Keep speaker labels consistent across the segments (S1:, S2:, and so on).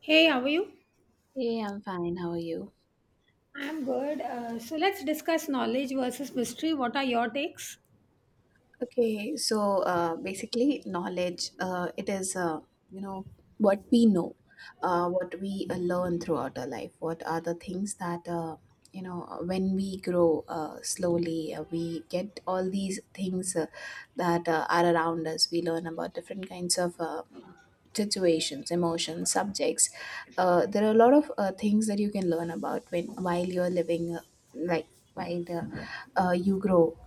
S1: Hey, how are you?
S2: Hey, I'm fine. How are you?
S1: I'm good. So let's discuss knowledge versus mystery. What are your takes?
S2: Okay, so basically, knowledge it is you know what we know, what we learn throughout our life. What are the things that when we grow slowly, we get all these things that are around us. We learn about different kinds of situations, emotions, subjects. There are a lot of things that you can learn about when while you're living life, while you grow,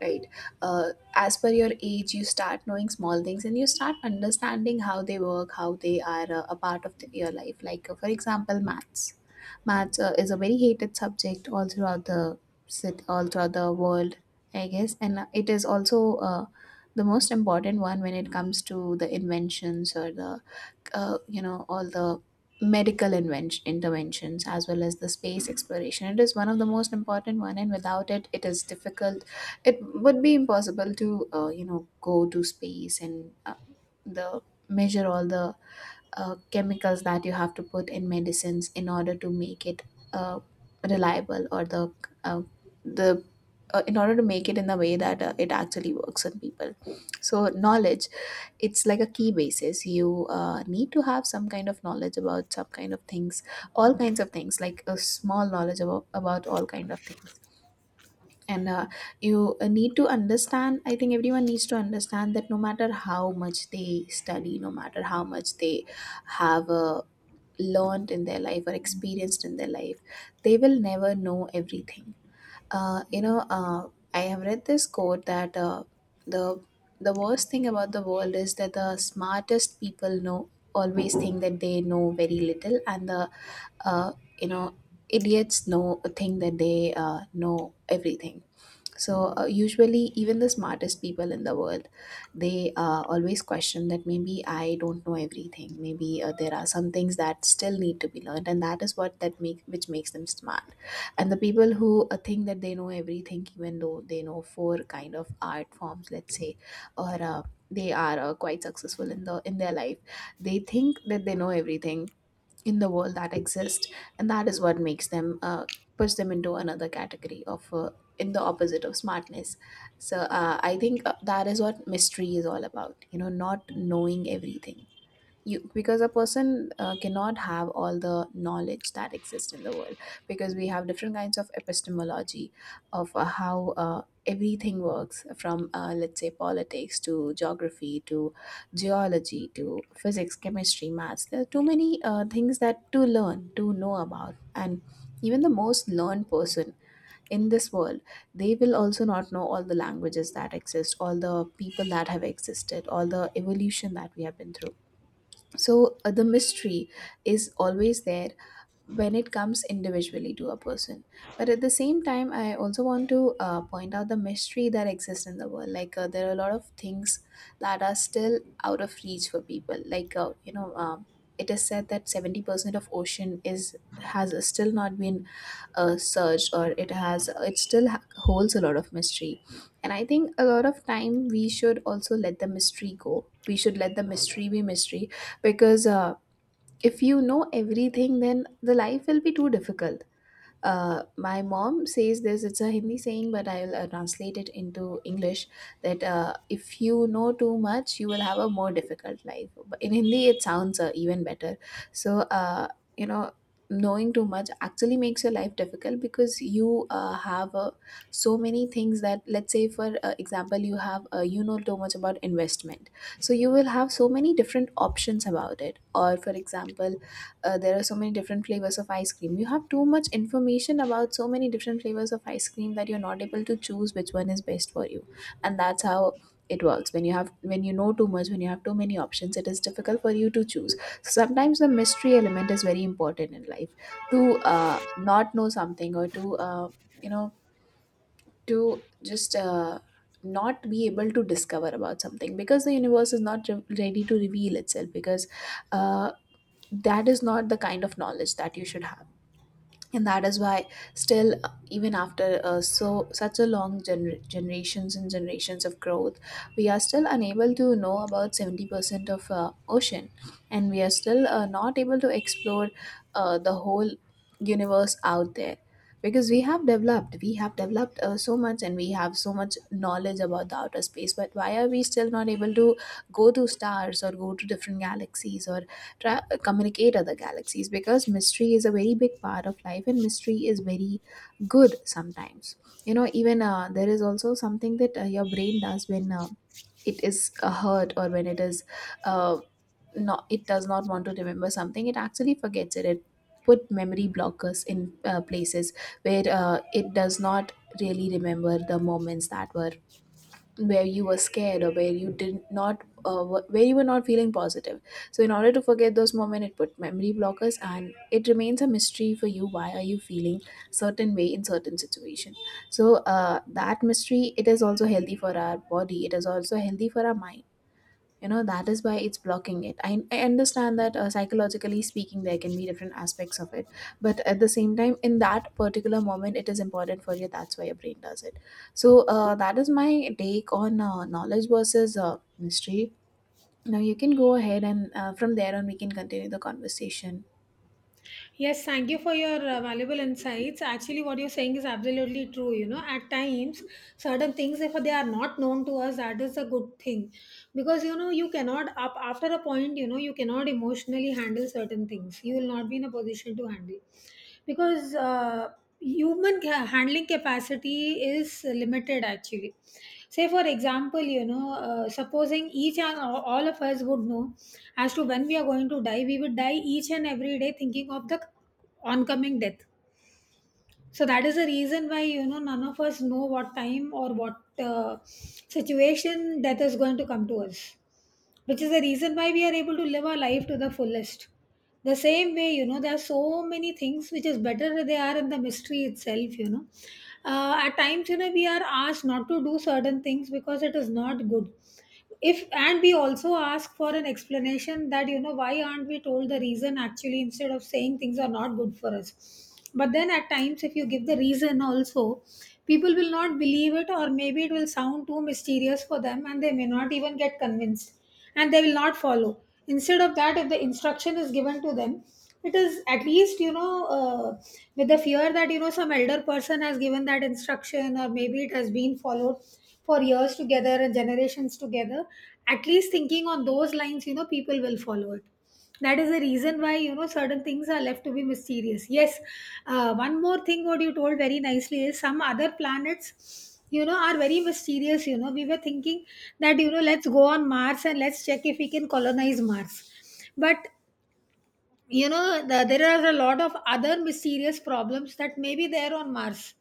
S2: right, uh, as per your age. You start knowing small things and you start understanding how they work, how they are a part of your life, like for example, maths. Maths is a very hated subject all throughout the sit all throughout the world, I guess, and it is also the most important one when it comes to the inventions or the all the medical invention interventions as well as the space exploration. It is one of the most important one, and without it it is difficult. It would be impossible to go to space and the measure all the chemicals that you have to put in medicines in order to make it uh, reliable, or the uh, the in order to make it in the way that it actually works on people. So knowledge, it's like a key basis. You need to have some kind of knowledge about some kind of things, all kinds of things, like a small knowledge about all kind of things. And you need to understand, I think everyone needs to understand, that no matter how much they study, no matter how much they have learned in their life or experienced in their life, they will never know everything. uh, you know, uh, I have read this quote that the the worst thing about the world is that the smartest people know always think that they know very little, and the uh, you know idiots know think that they know everything. So usually, even the smartest people in the world, they always question that maybe I don't know everything, maybe there are some things that still need to be learned, and that is what that make which makes them smart. And the people who think that they know everything, even though they know four kind of art forms, let's say, or they are quite successful in the in their life, they think that they know everything in the world that exist, and that is what makes them push them into another category of in the opposite of smartness. So I think that is what mystery is all about, you know, not knowing everything, you because a person cannot have all the knowledge that exists in the world, because we have different kinds of epistemology of how everything works, from let's say politics to geography to geology to physics, chemistry, maths. There are too many things that to learn, to know about, and even the most learned person in this world, they will also not know all the languages that exist, all the people that have existed, all the evolution that we have been through. So the mystery is always there when it comes individually to a person, but at the same time I also want to point out the mystery that exists in the world. Like there are a lot of things that are still out of reach for people. Like it is said that 70% of ocean is has still not been surged, or it has it still holds a lot of mystery. And I think a lot of time we should also let the mystery go. We should let the mystery be mystery, because if you know everything, then the life will be too difficult. My mom says this, it's a Hindi saying, but I'll translate it into English, that if you know too much, you will have a more difficult life. But in Hindi, it sounds even better. So, you know, knowing too much actually makes your life difficult, because you have so many things that, let's say, for example, you have, too much about investment. So, you will have so many different options about it. Or, for example, there are so many different flavors of ice cream. You have too much information about so many different flavors of ice cream that you're not able to choose which one is best for you. And that's how it works. When you know too much, when you have too many options, it is difficult for you to choose. So sometimes the mystery element is very important in life. To not know something, or to you know to just not be able to discover about something, because the universe is not ready to reveal itself, because uh, that is not the kind of knowledge that you should have. And that is why still, even after so such a long generations and generations of growth, we are still unable to know about 70% of ocean, and we are still not able to explore the whole universe out there, because we have developed so much and we have so much knowledge about the outer space. But why are we still not able to go to stars, or go to different galaxies, or communicate other galaxies? Because mystery is a very big part of life and mystery is very good sometimes, you know. Even there is also something that your brain does, when it is hurt, or when it is uh, not it does not want to remember something, it actually forgets it. It put memory blockers in places where it does not really remember the moments that were, where you were scared, or where you did not where you were not feeling positive. So in order to forget those moments, it put memory blockers, and it remains a mystery for you why are you feeling certain way in certain situation. So that mystery, it is also healthy for our body, it is also healthy for our mind, you know. That is why it's blocking it. I understand that psychologically speaking, there can be different aspects of it, but at the same time, in that particular moment, it is important for you, that's why your brain does it. So that is my take on knowledge versus mystery. Now you can go ahead, and from there on we can continue the conversation.
S1: Yes, thank you for your valuable insights. Actually, what you're saying is absolutely true. At times, certain things, if they are not known to us, that is a good thing. Because, you cannot, up after a point, you cannot emotionally handle certain things. You will not be in a position to handle, because handling capacity is limited actually. Say, for example, supposing each and all of us would know as to when we are going to die, we would die each and every day thinking of the oncoming death. So that is the reason why, none of us know what time or what situation death is going to come to us, which is the reason why we are able to live our life to the fullest. The same way, there are so many things which is better they are in the mystery itself. At times, we are asked not to do certain things because it is not good, if, and we also ask for an explanation that, why aren't we told the reason actually, instead of saying things are not good for us. But then at times, if you give the reason also, people will not believe it, or maybe it will sound too mysterious for them and they may not even get convinced, and they will not follow. Instead of that, if the instruction is given to them, it is at least, with the fear that, some elder person has given that instruction, or maybe it has been followed for years together and generations together. At least thinking on those lines, people will follow it. That is the reason why, certain things are left to be mysterious. Yes, one more thing what you told very nicely is, some other planets, are very mysterious. We were thinking that, let's go on Mars and let's check if we can colonize Mars. But the, there are a lot of other mysterious problems that may be there on Mars.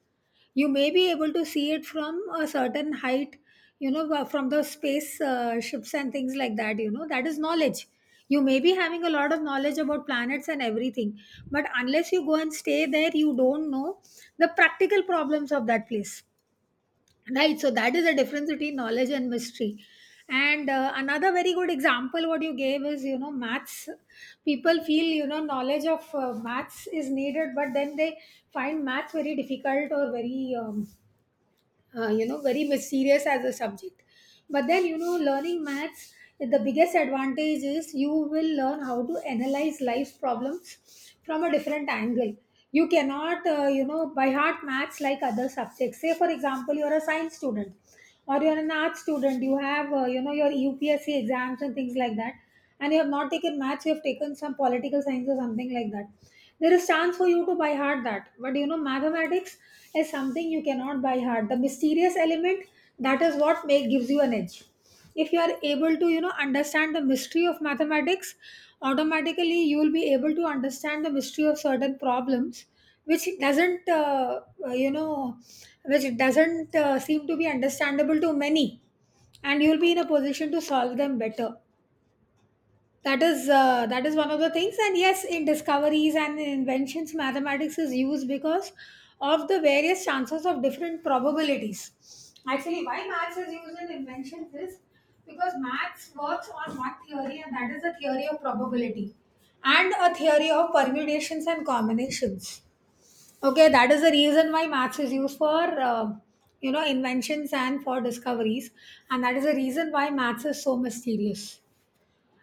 S1: You may be able to see it from a certain height, from the space ships and things like that. That is knowledge. You may be having a lot of knowledge about planets and everything, but unless you go and stay there, you don't know the practical problems of that place, right? So that is the difference between knowledge and mystery. And another very good example what you gave is, maths. People feel, knowledge of maths is needed, but then they find maths very difficult or very very mysterious as a subject. But then, learning maths, the biggest advantage is you will learn how to analyze life's problems from a different angle. You cannot by heart maths like other subjects. Say, for example, you're a science student, or you're an art student, you have, your UPSC exams and things like that, and you have not taken maths, you have taken some political science or something like that. There is chance for you to buy hard that, but mathematics is something you cannot buy hard. The mysterious element, that is what make gives you an edge. If you are able to, understand the mystery of mathematics, automatically you will be able to understand the mystery of certain problems which doesn't you know which doesn't seem to be understandable to many, and you will be in a position to solve them better. That is that is one of the things. And yes, in discoveries and in inventions, mathematics is used because of the various chances of different probabilities. Actually, why maths is used in inventions is because maths works on one theory, and that is the theory of probability, and a theory of permutations and combinations. Okay, that is the reason why maths is used for uh, inventions and for discoveries, and that is the reason why maths is so mysterious.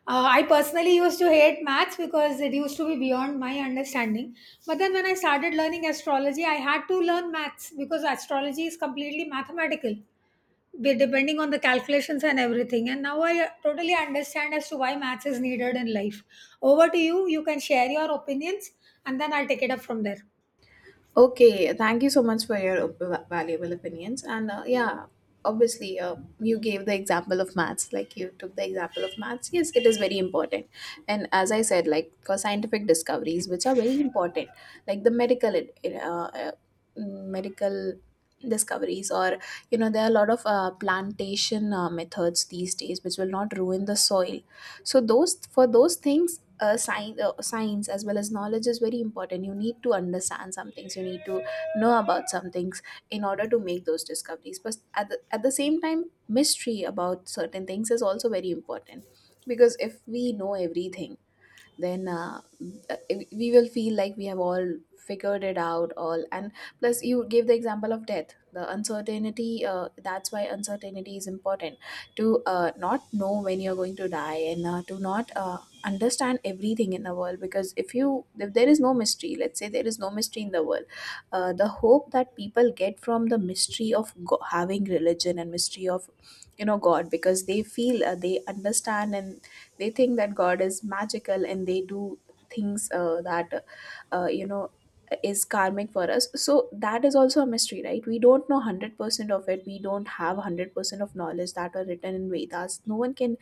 S1: I personally used to hate maths because it used to be beyond my understanding. But then when I started learning astrology, I had to learn maths because astrology is completely mathematical, depending on the calculations and everything. And now I totally understand as to why maths is needed in life. Over to you. You can share your opinions and then I'll take it up from there.
S2: Okay, thank you so much for your valuable opinions. And yeah, obviously, you gave the example of maths, like you took the example of maths. Yes, it is very important. And as I said, like for scientific discoveries, which are very important, like the medical, medical discoveries, or you know, there are a lot of plantation methods these days, which will not ruin the soil. So those for those things science as well as knowledge is very important. You need to understand some things. You need to know about some things in order to make those discoveries. But at the same time, mystery about certain things is also very important, because if we know everything, then we will feel like we have all figured it out all. And plus, you gave the example of death, the uncertainty. That's why uncertainty is important, to not know when you're going to die, and to not understand everything in the world. Because if there is no mystery, let's say there is no mystery in the world, the hope that people get from the mystery of having religion, and mystery of god, because they feel they understand, and they think that God is magical, and they do things that, uh, you know, is karmic for us. So that is also a mystery, right? We don't know 100% of it. We don't have 100% of knowledge that are written in Vedas. No one can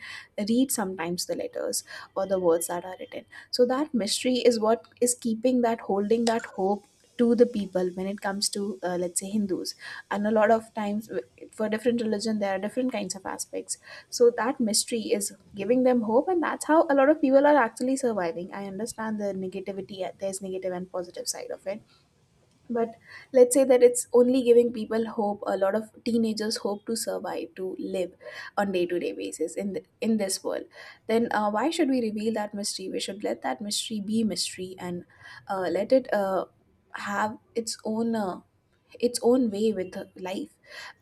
S2: read sometimes the letters or the words that are written. So that mystery is what is keeping that, holding that hope to the people when it comes to let's say Hindus. And a lot of times for different religion, there are different kinds of aspects. So that mystery is giving them hope, and that's how a lot of people are actually surviving. I understand the negativity. There's negative and positive side of it, but let's say that it's only giving people hope, a lot of teenagers hope to survive, to live on day-to-day basis in this world. Then why should we reveal that mystery? We should let that mystery be mystery and let it have its own way with life.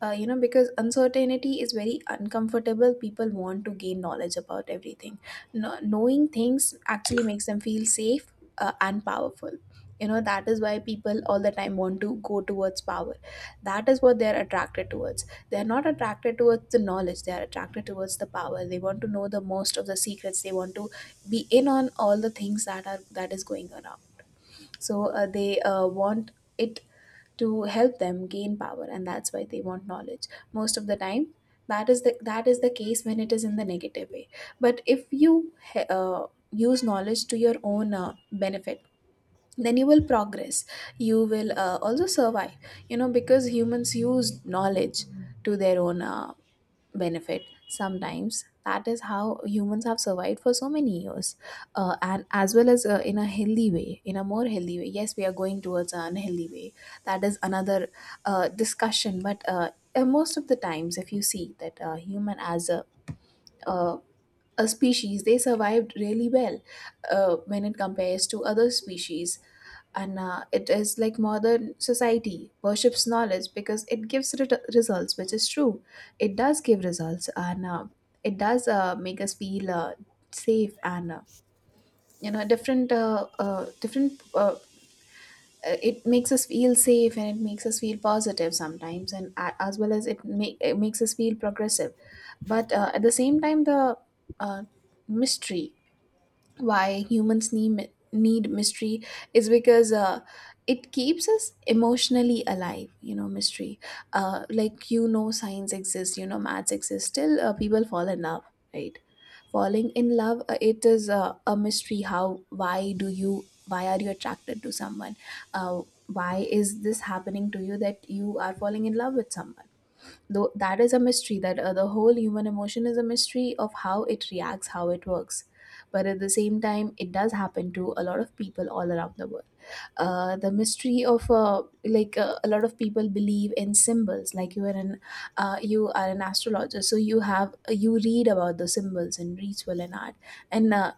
S2: Because uncertainty is very uncomfortable, people want to gain knowledge about everything. No, knowing things actually makes them feel safe and powerful. You know, that is why people all the time want to go towards power. That is what they are attracted towards. They are not attracted towards the knowledge, they are attracted towards the power. They want to know the most of the secrets. They want to be in on all the things that are that is going around. So they want it to help them gain power, and that's why they want knowledge most of the time. That is the case when it is in the negative way. But if you he- uh, use knowledge to your own benefit, then you will progress. You will also survive. You know, because humans use knowledge to their own benefit sometimes. That is how humans have survived for so many years, and as well as in a healthy way, in a more healthy way. Yes, we are going towards an unhealthy way. That is another discussion. But most of the times, if you see that human as a uh, species, they survived really well when it compares to other species. And it is like modern society worships knowledge because it gives results, which is true. It does give results, and it does make us feel safe and different it makes us feel safe, and it makes us feel positive sometimes, and a as well as it makes us feel progressive. But at the same time, the uh, mystery, why humans need mystery is because it keeps us emotionally alive. You know, mystery. Like, you know, science exists, you know, maths exists, still people fall in love, right? Falling in love, it is a mystery how, why do you, why are you attracted to someone, uh, why is this happening to you, that you are falling in love with someone? Though that is a mystery, that the whole human emotion is a mystery of how it reacts, how it works. But at the same time, it does happen to a lot of people all around the world. The mystery of like, a lot of people believe in symbols. Like, you are an astrologer, so you read about the symbols in ritual and art, and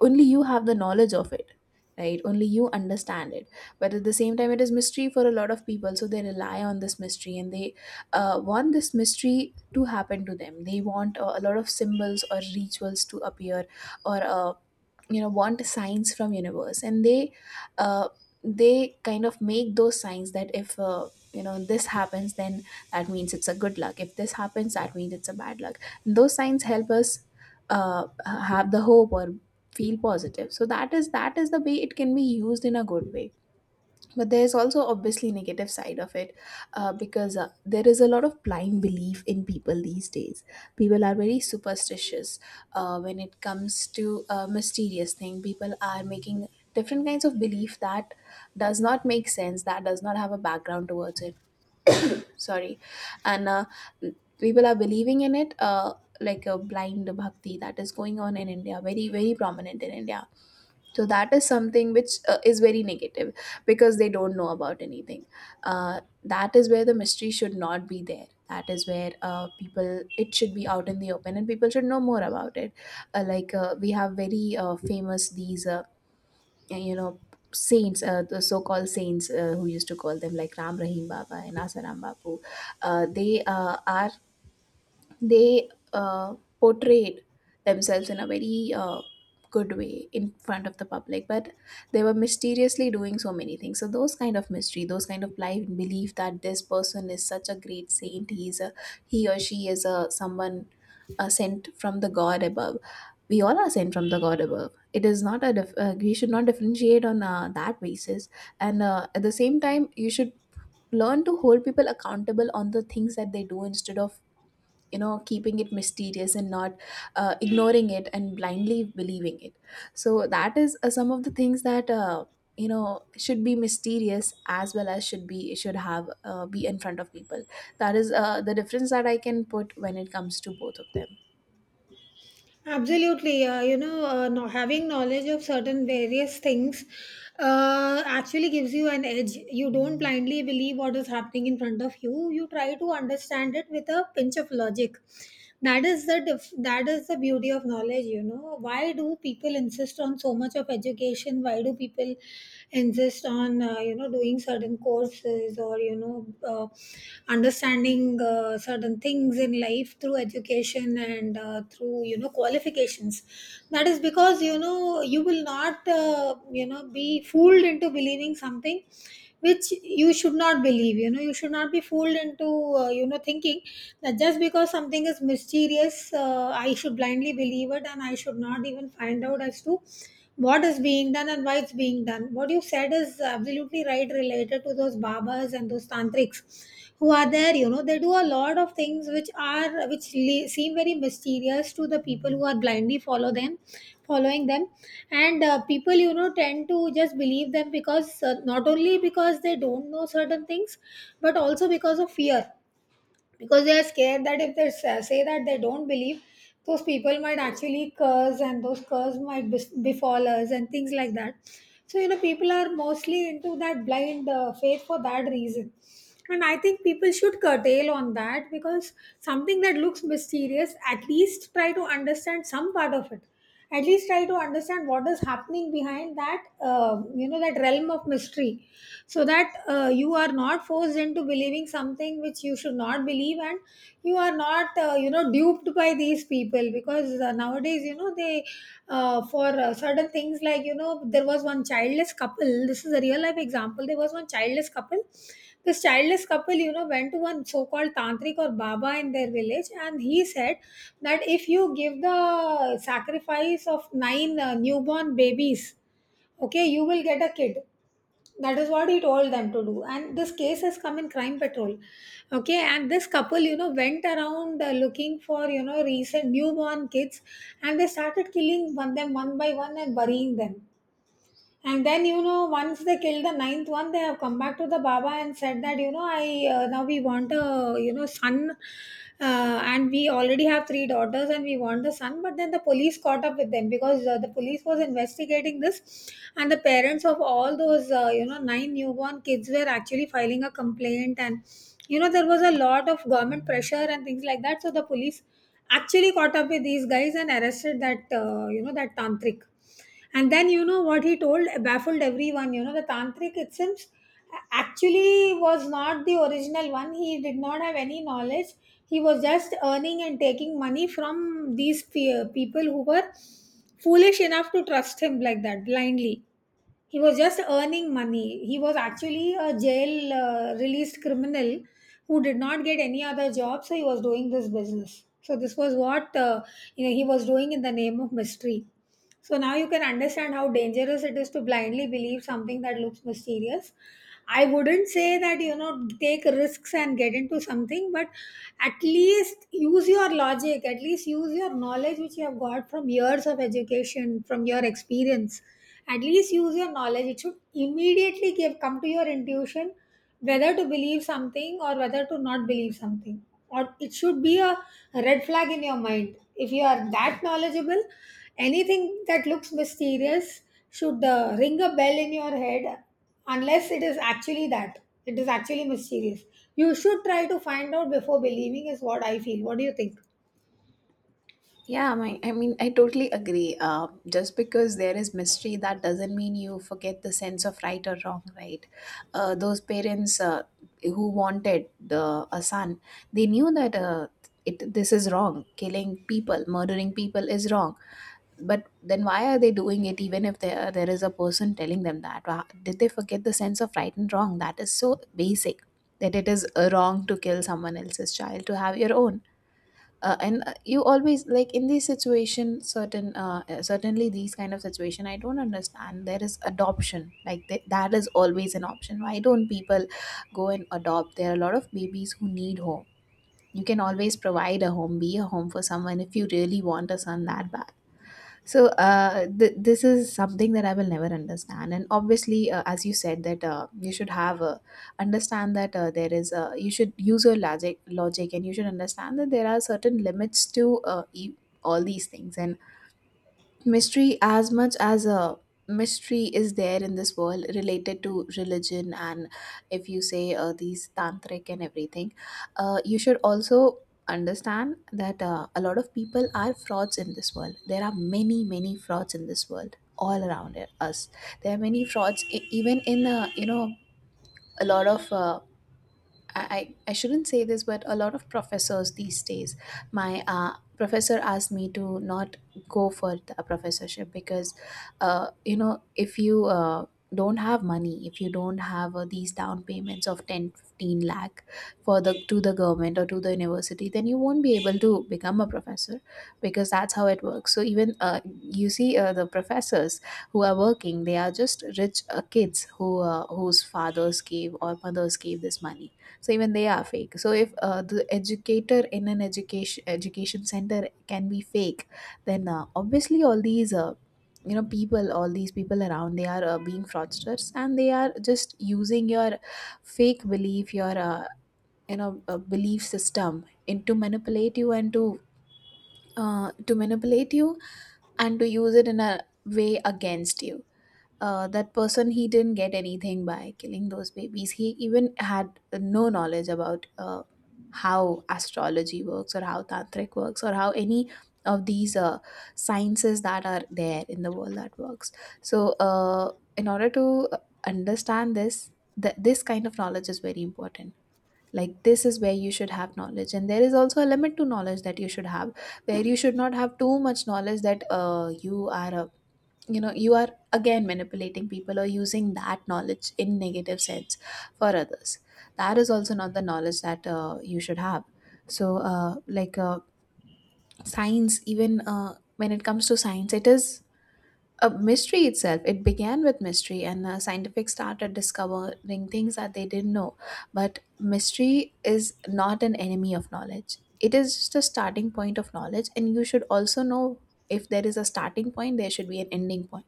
S2: only you have the knowledge of it, right? Only you understand it. But at the same time, it is mystery for a lot of people, so they rely on this mystery, and they want this mystery to happen to them. They want a lot of symbols or rituals to appear, or want signs from universe. And uh, they kind of make those signs, that if this happens, then that means it's a good luck. If this happens, that means it's a bad luck. And those signs help us have the hope or feel positive. So that is the way it can be used in a good way. But there is also obviously negative side of it, because there is a lot of blind belief in people these days. People are very superstitious. When it comes to a mysterious thing, people are making different kinds of belief that does not make sense, that does not have a background towards it. Sorry. And people are believing in it like a blind bhakti that is going on in India. Very, very prominent in India. So that is something which is very negative because they don't know about anything. That is where the mystery should not be there. That is where people, it should be out in the open, and people should know more about it. Like, we have very famous these you know saints, the so-called saints, who used to call them like Ram Rahim Baba and Asaram Bapu. They are, they portrayed themselves in a very good way in front of the public, but they were mysteriously doing so many things. So those kind of mystery, those kind of life belief that this person is such a great saint, he or she is a someone sent from the god above. We all are sent from the god above. It is not a we should not differentiate on that basis. And at the same time, you should learn to hold people accountable on the things that they do, instead of, you know, keeping it mysterious and not ignoring it and blindly believing it. So that is some of the things that should be mysterious, as well as should have be in front of people. That is the difference that I can put when it comes to both of them.
S1: Absolutely. No, having knowledge of certain various things actually gives you an edge. You don't blindly believe what is happening in front of you. You try to understand it with a pinch of logic. That is the that is the beauty of knowledge. You know why do people insist on so much of education? Why do people insist on doing certain courses, or you know uh, understanding certain things in life through education and through qualifications? That is because, you will not be fooled into believing something which you should not believe. You should not be fooled into thinking that just because something is mysterious, I should blindly believe it and I should not even find out as to what is being done and why it's being done. What you said is absolutely right related to those babas and those tantrics who are there. You know, they do a lot of things which are which seem very mysterious to the people who are blindly follow them, following them, and people, tend to just believe them because, not only because they don't know certain things, but also because of fear, because they are scared that if they say that they don't believe, those people might actually curse and those curse might befall us and things like that. So, people are mostly into that blind faith for that reason. And I think people should curtail on that, because something that looks mysterious, at least try to understand some part of it. At least try to understand what is happening behind that, that realm of mystery, so that you are not forced into believing something which you should not believe, and you are not, duped by these people, because nowadays, they for certain things, like there was one childless couple. This is a real life example. There was one childless couple, this childless couple, went to one so called tantric or baba in their village, and he said that if you give the sacrifice of nine newborn babies, okay, you will get a kid. That is what he told them to do. And this case has come in Crime Patrol. Okay, and this couple, went around looking for, recent newborn kids, and they started killing one them one by one and burying them. And then, once they killed the ninth one, they have come back to the Baba and said that, I now we want a, son. And we already have three daughters and we want the son. But then the police caught up with them because the police was investigating this. And the parents of all those, nine newborn kids were actually filing a complaint. And, there was a lot of government pressure and things like that. So the police actually caught up with these guys and arrested that, that tantric, and then, what he told baffled everyone. You know, the tantric itself actually was not the original one. He did not have any knowledge. He was just earning and taking money from these people who were foolish enough to trust him like that blindly. He was just earning money. He was actually a jail released criminal who did not get any other job, so he was doing this business. So this was what he was doing in the name of mystery. So now you can understand how dangerous it is to blindly believe something that looks mysterious. I wouldn't say that take risks and get into something, but at least use your logic, at least use your knowledge which you have got from years of education, from your experience. At least use your knowledge. It should immediately give come to your intuition, whether to believe something or whether to not believe something. Or it should be a red flag in your mind. If you are that knowledgeable, anything that looks mysterious should ring a bell in your head unless it is actually that. It is actually mysterious. You should try to find out before believing, is what I feel. What do you think?
S2: Yeah, my, I mean, I totally agree. Just because there is mystery, that doesn't mean you forget the sense of right or wrong, right? Those parents who wanted the a son, they knew that it this is wrong. Killing people, murdering people is wrong. But then why are they doing it? Even if there is a person telling them that, did they forget the sense of right and wrong? That is so basic that it is wrong to kill someone else's child to have your own. And you always, like, in this situation, certain certainly these kind of situation, I don't understand. There is adoption, like, that is always an option. Why don't people go and adopt? There are a lot of babies who need home. You can always provide a home, be a home for someone if you really want a son that bad. So this is something that I will never understand. And obviously, as you said, that you should have understand that there is you should use your logic, and you should understand that there are certain limits to all these things. And mystery, as much as a mystery is there in this world related to religion, and if you say these tantric and everything, you should also understand that a lot of people are frauds in this world. There are many, many frauds in this world all around us. There are many frauds even in a lot of I, I shouldn't say this, but a lot of professors these days, my professor asked me to not go for a professorship because, if you don't have money, if you don't have these down payments of 10-15 lakh for the to the government or to the university, then you won't be able to become a professor because that's how it works. So even you see the professors who are working, they are just rich kids whose fathers gave or mothers gave this money, so even they are fake. So if the educator in an education center can be fake, then obviously all these people, all these people around, they are being fraudsters and they are just using your fake belief, your belief system, and to manipulate you and to manipulate you and to use it in a way against you. That person, he didn't get anything by killing those babies. He even had no knowledge about how astrology works, or how tantric works, or how any of these sciences that are there in the world that works. So in order to understand this, this kind of knowledge is very important. Like, this is where you should have knowledge, and there is also a limit to knowledge that you should have, where you should not have too much knowledge that you are a, you know, you are again manipulating people or using that knowledge in negative sense for others. That is also not the knowledge that you should have. So science, even when it comes to science, it is a mystery itself. It began with mystery, and scientific started discovering things that they didn't know. But mystery is not an enemy of knowledge, it is just a starting point of knowledge. And you should also know, if there is a starting point, there should be an ending point.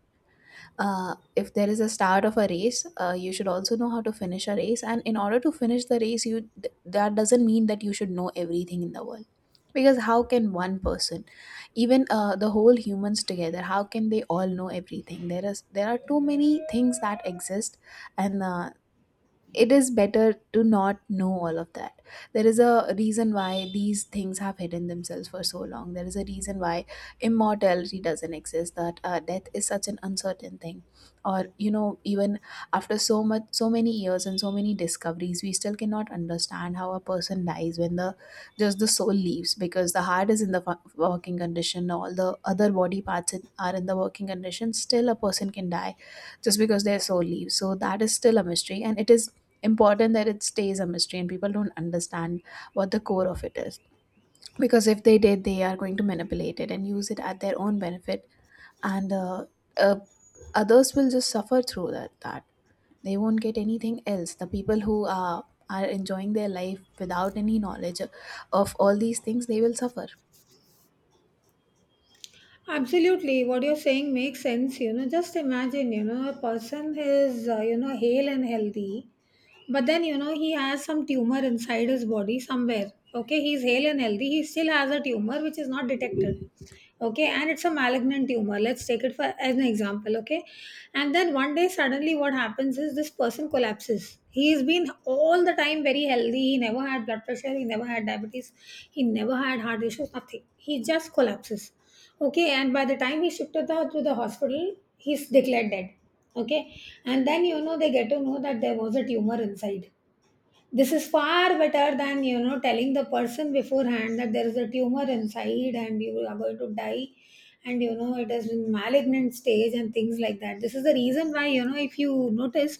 S2: If there is a start of a race, you should also know how to finish a race. And in order to finish the race, you that doesn't mean that you should know everything in the world, because how can one person, even the whole humans together, how can they all know everything? There is, there are too many things that exist, and it is better to not know all of that. There is a reason why these things have hidden themselves for so long. There is a reason why immortality doesn't exist, that death is such an uncertain thing. Or you know, even after so much, so many years and so many discoveries, we still cannot understand how a person dies, when the, just the soul leaves, because the heart is in the working condition, all the other body parts are in the working condition, still a person can die just because their soul leaves. So that is still a mystery, and it is important that it stays a mystery and people don't understand what the core of it is. Because if they did, they are going to manipulate it and use it at their own benefit. And uh, Others will just suffer through that, they won't get anything else. The people who are enjoying their life without any knowledge of all these things, they will suffer.
S1: Absolutely, what you're saying makes sense. You know, just imagine, you know, a person is, you know, hale and healthy, but then, you know, he has some tumor inside his body somewhere. Okay, he's hale and healthy, he still has a tumor which is not detected. Okay, and it's a malignant tumor, let's take it for as an example. Okay, and then one day suddenly what happens is this person collapses. He's been all the time very healthy, he never had blood pressure, he never had diabetes, he never had heart issues, nothing. He just collapses. Okay, and by the time he shifted out to the hospital, he's declared dead. Okay, and then, you know, they get to know that there was a tumor inside. This is far better than, you know, telling the person beforehand that there is a tumor inside and you are going to die, and you know it is in malignant stage and things like that. This is the reason why, you know, if you notice,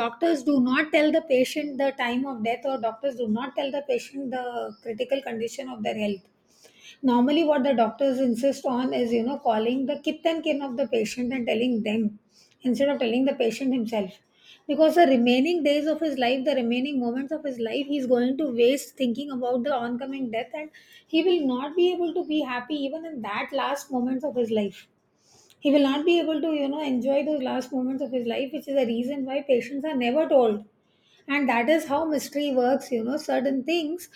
S1: doctors do not tell the patient the time of death, or doctors do not tell the patient the critical condition of their health. Normally, what the doctors insist on is, you know, calling the kith and kin of the patient and telling them instead of telling the patient himself. Because the remaining days of his life, the remaining moments of his life, he's going to waste thinking about the oncoming death, and he will not be able to be happy even in that last moments of his life. He will not be able to, you know, enjoy those last moments of his life, which is the reason why patients are never told. And that is how mystery works. You know, certain things,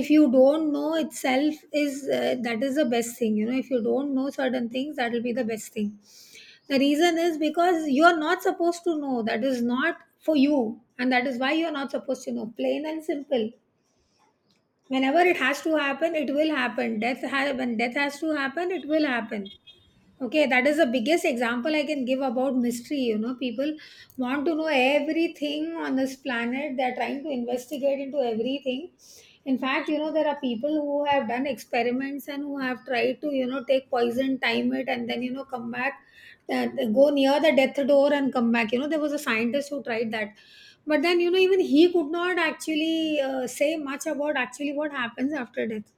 S1: if you don't know itself is, that is the best thing. You know, if you don't know certain things, that will be the best thing. The reason is because you are not supposed to know. That is not for you, and that is why you are not supposed to know, plain and simple. Whenever it has to happen, it will happen. Death ha- when death has to happen, it will happen. Okay, that is the biggest example I can give about mystery. You know, people want to know everything on this planet. They're trying to investigate into everything. In fact, you know, there are people who have done experiments and who have tried to, you know, take poison, time it, and then, you know, come back, uh, go near the death door and come back. You know, there was a scientist who tried that. But then, you know, even he could not actually say much about actually what happens after death,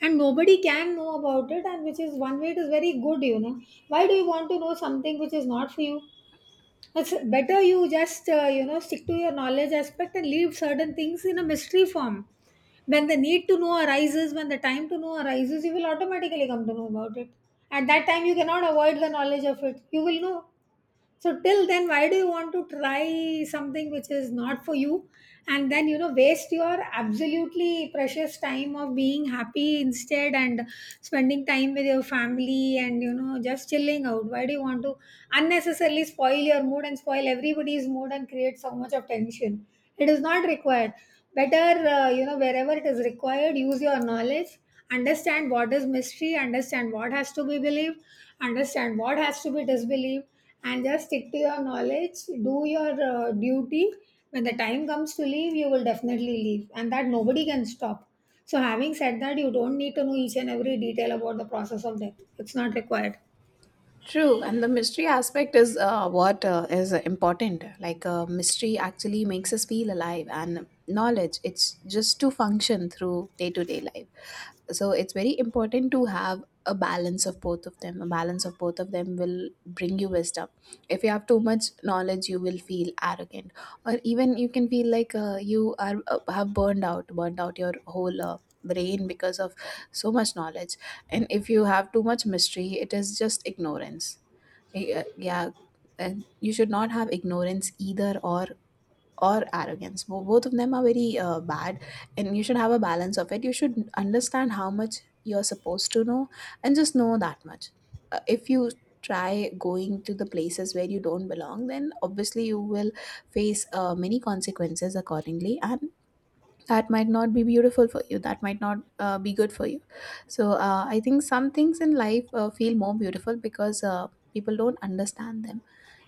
S1: and nobody can know about it. And which is one way it is very good, you know, why do you want to know something which is not for you? It's better you just you know, stick to your knowledge aspect and leave certain things in a mystery form. When the need to know arises, when the time to know arises, you will automatically come to know about it. At that time you cannot avoid the knowledge of it, you will know. So till then, why do you want to try something which is not for you, and then, you know, waste your absolutely precious time of being happy instead, and spending time with your family and, you know, just chilling out? Why do you want to unnecessarily spoil your mood and spoil everybody's mood and create so much of tension? It is not required. Better, you know, wherever it is required, use your knowledge. Understand what is mystery, understand what has to be believed, understand what has to be disbelieved, and just stick to your knowledge. Do your duty. When the time comes to leave, you will definitely leave, and that nobody can stop. So having said that, you don't need to know each and every detail about the process of death. It's not required.
S2: True, and the mystery aspect is what is important. Like, mystery actually makes us feel alive, and knowledge, it's just to function through day to day life. So it's very important to have a balance of both of them. A balance of both of them will bring you wisdom. If you have too much knowledge, you will feel arrogant, or even you can feel like you are have burned out your whole brain because of so much knowledge. And if you have too much mystery, it is just ignorance. Yeah, yeah, and you should not have ignorance either, or arrogance. Both of them are very bad, and you should have a balance of it. You should understand how much you're supposed to know, and just know that much. If you try going to the places where you don't belong, then obviously you will face many consequences accordingly, and that might not be beautiful for you, that might not be good for you. So I think some things in life feel more beautiful because people don't understand them.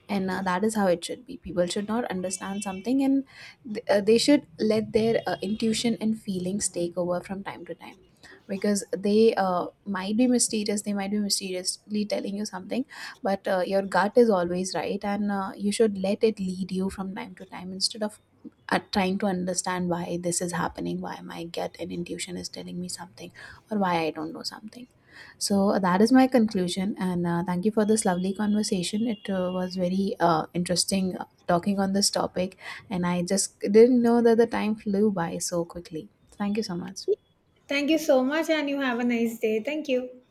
S2: And that is how it should be. People should not understand something, and they should let their intuition and feelings take over from time to time, because they might be mysterious, they might be mysteriously telling you something. But your gut is always right, and you should let it lead you from time to time instead of trying to understand why this is happening, why my gut and intuition is telling me something, or why I don't know something. So that is my conclusion, and thank you for this lovely conversation. It was very interesting talking on this topic, and I just didn't know that the time flew by so quickly. Thank you so much.
S1: Thank you so much, and you have a nice day. Thank you.